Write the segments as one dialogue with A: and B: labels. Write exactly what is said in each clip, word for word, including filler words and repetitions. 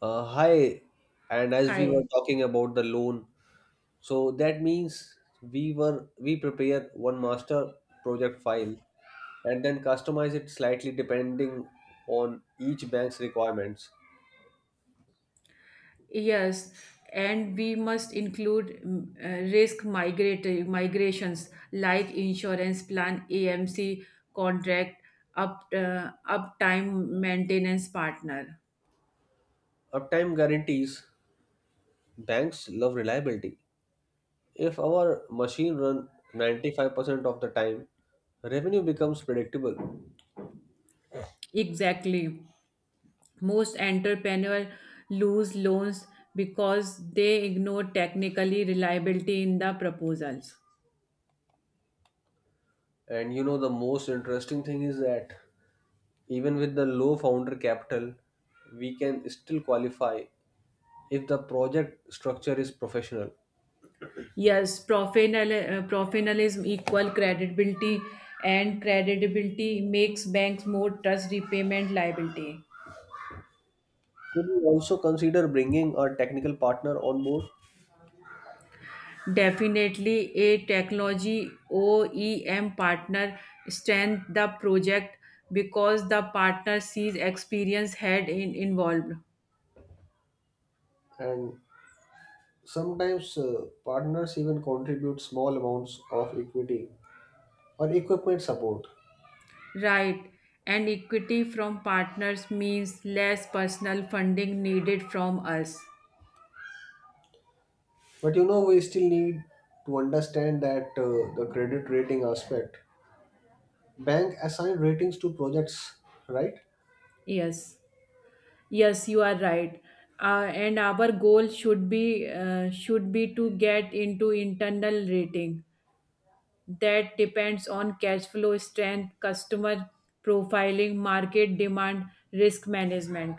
A: Uh, hi, and as we were
B: Hi.
A: talking about the loan, so that means we were we prepare one master project file and then customize it slightly depending on each bank's requirements.
B: Yes, and we must include mm, uh, risk migratory migrations like insurance plan, A M C contract, up uh, uptime maintenance partner.
A: Uptime guarantees. Banks love reliability. If our machine run ninety-five percent of the time, revenue becomes predictable.
B: Exactly. Most entrepreneur lose loans because they ignore technically reliability in the proposals.
A: And you know, the most interesting thing is that even with the low founder capital, we can still qualify if the project structure is professional.
B: Yes, professional, uh, professionalism equal credibility, and credibility makes banks more trust repayment liability.
A: Should we also consider bringing a technical partner on board?
B: Definitely, a technology O E M partner strength the project because the partner sees experience had in involved.
A: And sometimes uh, partners even contribute small amounts of equity or equipment support.
B: Right. And equity from partners means less personal funding needed from us.
A: But you know, we still need to understand that uh, the credit rating aspect. Bank assign ratings to projects, right?
B: Yes. Yes, you are right. Uh, and our goal should be uh, should be to get into internal rating that depends on cash flow strength, customer profiling, market demand, risk management.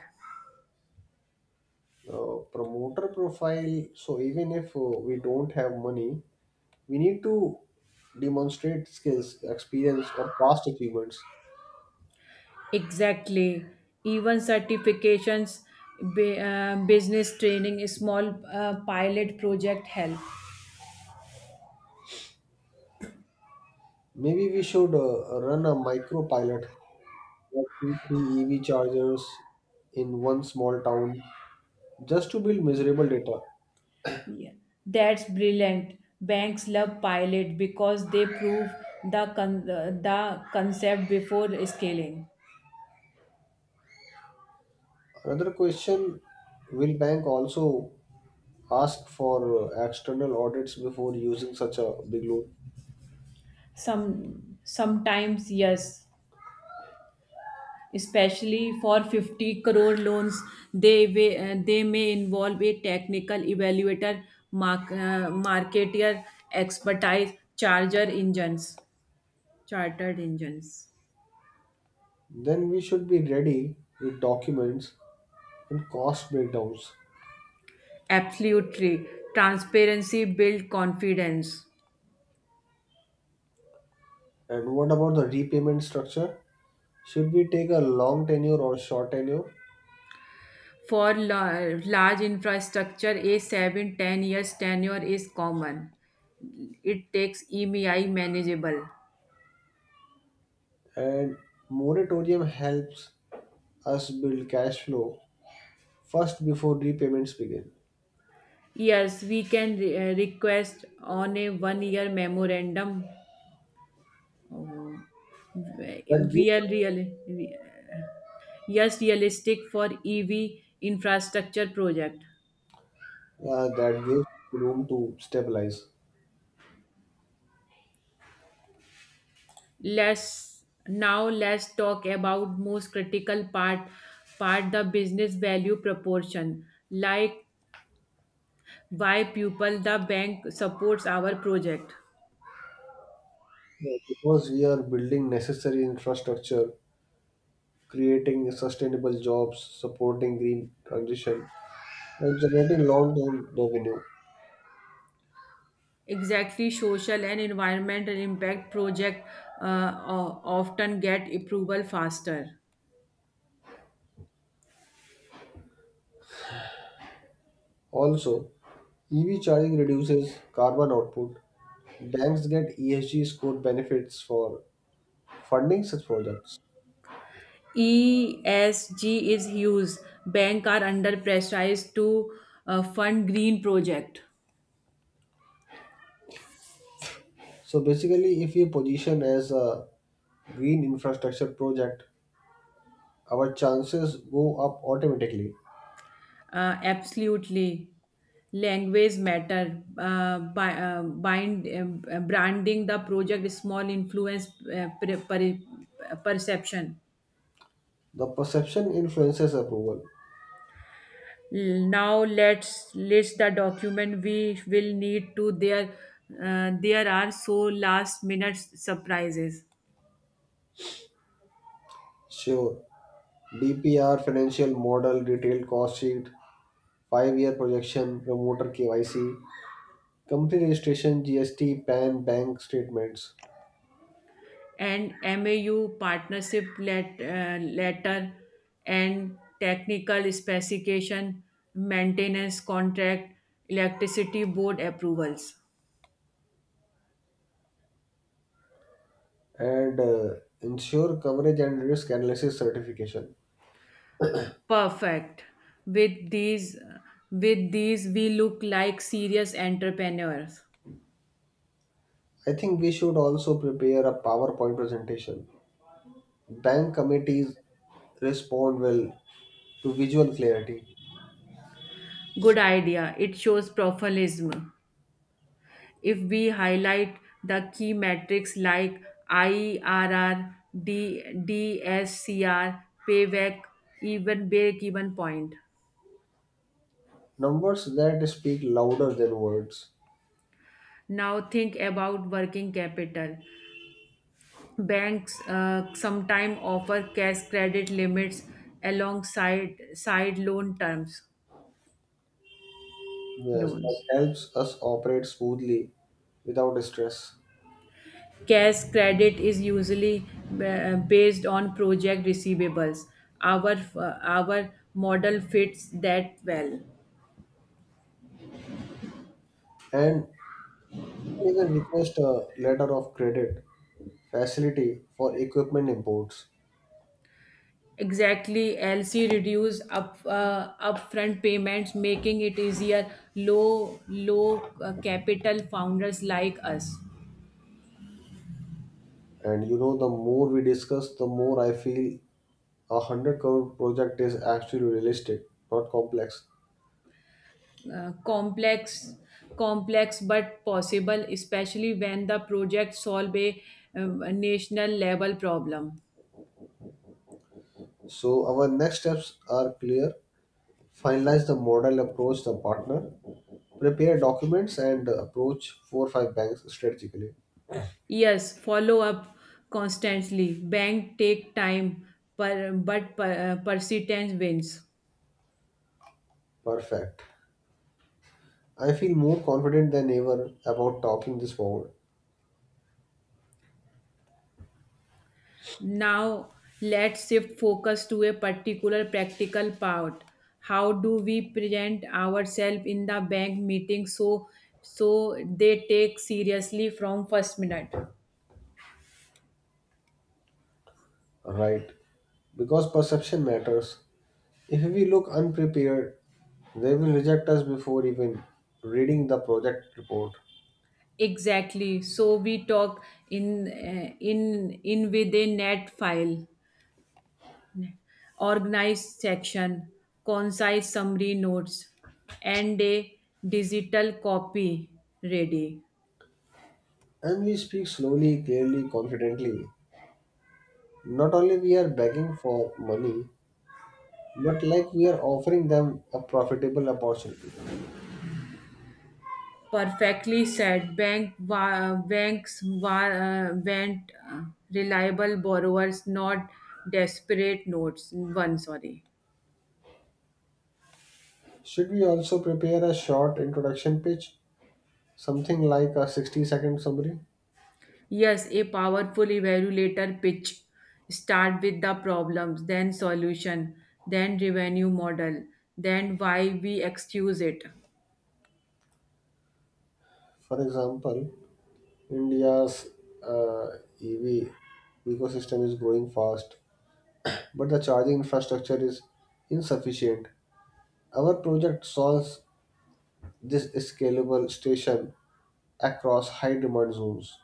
A: uh, Promoter profile, so even if uh, we don't have money, we need to demonstrate skills experience or past achievements.
B: Exactly. Even certifications, bu- uh, business training, small uh, pilot project help.
A: Maybe we should uh, run a micro pilot like two three EV chargers in one small town just to build measurable data.
B: Yeah, that's brilliant. Banks love pilot because they prove the con- uh, the concept before scaling.
A: Another question, will bank also ask for uh, external audits before using such a big loan?
B: Some sometimes yes, especially for fifty crore loans, they may, uh, they may involve a technical evaluator, mark, uh, marketer, expertise, charger engines, chartered engines.
A: Then we should be ready with documents and cost breakdowns.
B: Absolutely, transparency build confidence.
A: And what about the repayment structure? Should we take a long tenure or short tenure?
B: For la- large infrastructure, a seven ten years tenure is common. It takes E M I manageable.
A: And moratorium helps us build cash flow first before repayments begin.
B: Yes, we can re- uh, request on a one year memorandum. Oh.
A: That
B: We
A: gives
B: are real, yes, realistic for E V infrastructure project.
A: uh, that gives room to stabilize.
B: Let's now let's talk about most critical part part the business value proportion, like why Pupil the Bank supports our project.
A: Yeah, because we are building necessary infrastructure, creating sustainable jobs, supporting green transition, and generating long-term revenue.
B: Exactly, social and environmental impact project uh, o- often get approval faster.
A: Also, E V charging reduces carbon output. Banks get E S G score benefits for funding such projects.
B: E S G is huge. Bank are under pressurized to uh, fund green project.
A: So basically, if we position as a green infrastructure project, our chances go up automatically.
B: Uh, absolutely. Language matter. Uh, by, uh, bind, um, branding the project small influence uh, pre- pre- perception.
A: The perception influences approval.
B: Now let's list the document we will need to there uh, there are so last minute surprises.
A: Sure: D P R financial model, detailed cost sheet, five-year projection, promoter K Y C, company registration, G S T, PAN, bank statements.
B: And mau partnership let, uh, letter, and technical specification, maintenance contract, electricity board approvals.
A: and uh, ensure coverage and risk analysis certification.
B: Perfect. With these with these we look like serious entrepreneurs.
A: I think we should also prepare a PowerPoint presentation. Bank committees respond well to visual clarity.
B: Good idea, it shows professionalism. If we highlight the key metrics like I R R, D, DSCR, payback, even break-even point.
A: Numbers that speak louder than words.
B: Now think about working capital. Banks uh, sometimes offer cash credit limits alongside side loan terms
A: Yes, that
B: loans.
A: helps us operate smoothly without stress.
B: Cash credit is usually uh, based on project receivables. Our uh, our model fits that well.
A: And even request a letter of credit facility for equipment imports.
B: Exactly, L C reduce up uh, upfront payments, making it easier low low uh, capital founders like us.
A: And you know, the more we discuss, the more I feel a one hundred crore project is actually realistic, not complex.
B: Uh, complex complex but possible, especially when the project solve a, um, a national level problem.
A: So, our next steps are clear: finalize the model, approach the partner, prepare documents, and approach four or five banks strategically.
B: Yes, follow up constantly. Bank take time, per, but per, uh, persistence wins.
A: Perfect. I feel more confident than ever about talking this forward.
B: Now let's shift focus to a particular practical part. How do we present ourselves in the bank meeting so so they take seriously from first minute?
A: Right. Because perception matters. If we look unprepared, they will reject us before even reading the project report.
B: Exactly. So we talk in uh, in in with a net file, organized section, concise summary notes, and a digital copy ready.
A: And we speak slowly, clearly, confidently. Not only we are begging for money, but like we are offering them a profitable opportunity.
B: Perfectly said. Bank wa- banks wa- uh, went uh, reliable borrowers, not desperate notes. One, sorry.
A: Should we also prepare a short introduction pitch, something like a sixty second summary?
B: Yes, a powerful evaluator pitch. Start with the problems, then solution, then revenue model, then why we excuse it.
A: For example, India's uh, E V ecosystem is growing fast, but the charging infrastructure is insufficient. Our project solves this scalable station across high demand zones.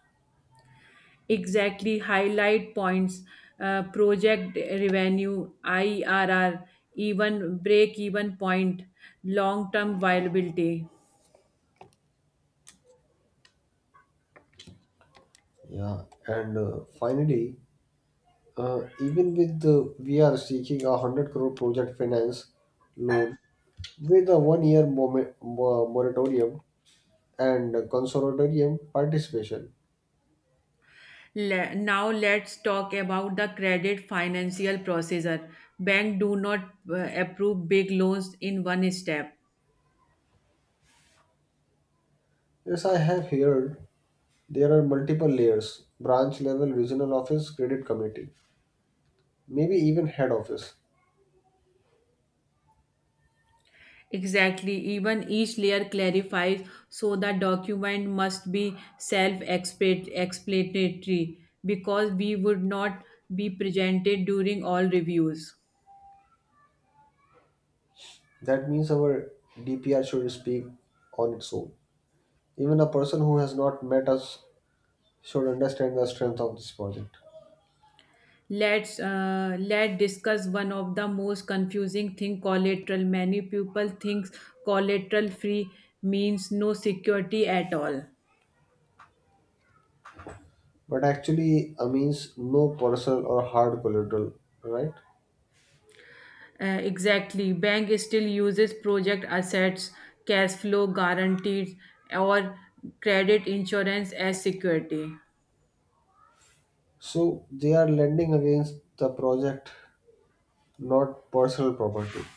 B: Exactly. Highlight points, uh, project revenue, I R R, even break even point, long term viability.
A: Yeah, and uh, finally, Uh, even with the we are seeking a hundred crore project finance loan with a one year moment, moratorium and a consortium participation.
B: Le- now let's talk about the credit financial processor. Bank do not uh, approve big loans in one step.
A: Yes, I have heard there are multiple layers: branch level, regional office, credit committee, maybe even head office.
B: Exactly, even each layer clarifies, so the document must be self-explanatory because we would not be presented during all reviews.
A: That means our D P R should speak on its own. Even a person who has not met us should understand the strength of this project.
B: Let's uh, let discuss one of the most confusing thing, collateral. Many people think collateral free means no security at all.
A: but actually uh, means no personal or hard collateral, right?
B: Uh, exactly. Bank still uses project assets, cash flow guarantees, or credit insurance as security.
A: So they are lending against the project, not personal property.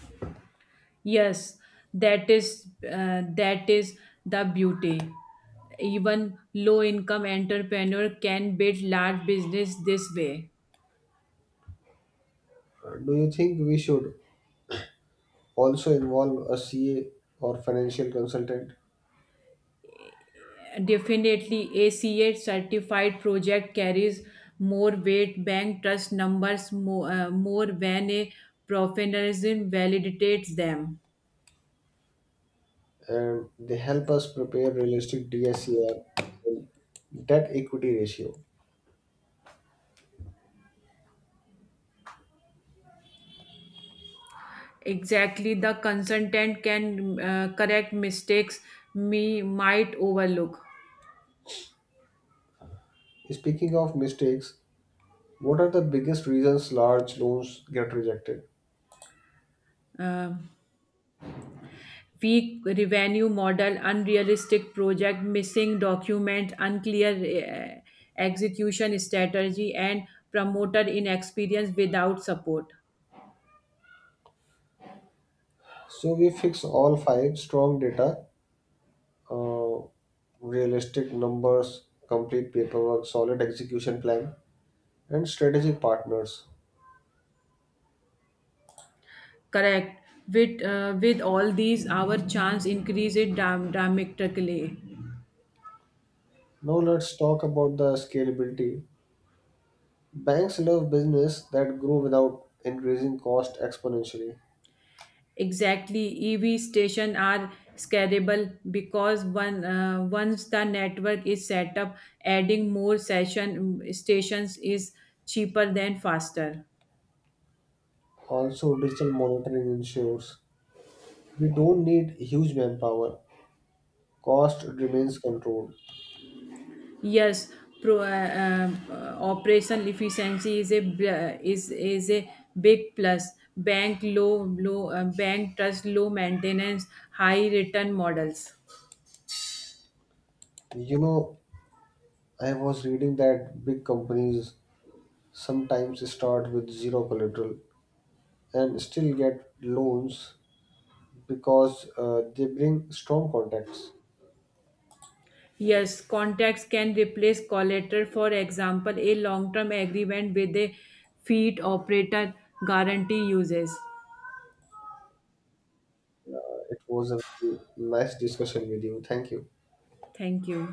B: Yes, that is uh, that is the beauty. Even low income entrepreneur can build large business this way.
A: Uh, Do you think we should also involve a C A or financial consultant,
B: Definitely, A C A certified project carries more weight. Bank trust numbers more, uh, more when a professionalism validates them.
A: and they help us prepare realistic D S C R and debt equity ratio?
B: Exactly, the consultant can uh, correct mistakes we might overlook.
A: Speaking of mistakes, what are the biggest reasons large loans get rejected?
B: Uh, Weak revenue model, unrealistic project, missing document, unclear uh, execution strategy, and promoter inexperience without support.
A: So we fix all five: strong data, uh, realistic numbers, complete paperwork, solid execution plan, and strategic partners.
B: Correct. With uh, with all these, our chance increase it dram- dramatically.
A: Now let's talk about the scalability. Banks love business that grow without increasing cost exponentially.
B: Exactly, E V station are scalable because one uh, once the network is set up, adding more session stations is cheaper than faster.
A: Also, digital monitoring ensures we don't need huge manpower. Cost remains controlled.
B: Yes, pro, uh, uh, operation efficiency is a bl- uh, is is a big plus. Bank low low uh, bank trust low maintenance high return models.
A: You know, I was reading that big companies sometimes start with zero collateral and still get loans because uh, they bring strong contacts.
B: Yes, contracts can replace collateral. For example, a long term agreement with a feed operator guarantee uses.
A: Uh, it was a nice discussion with you. Thank you.
B: Thank you.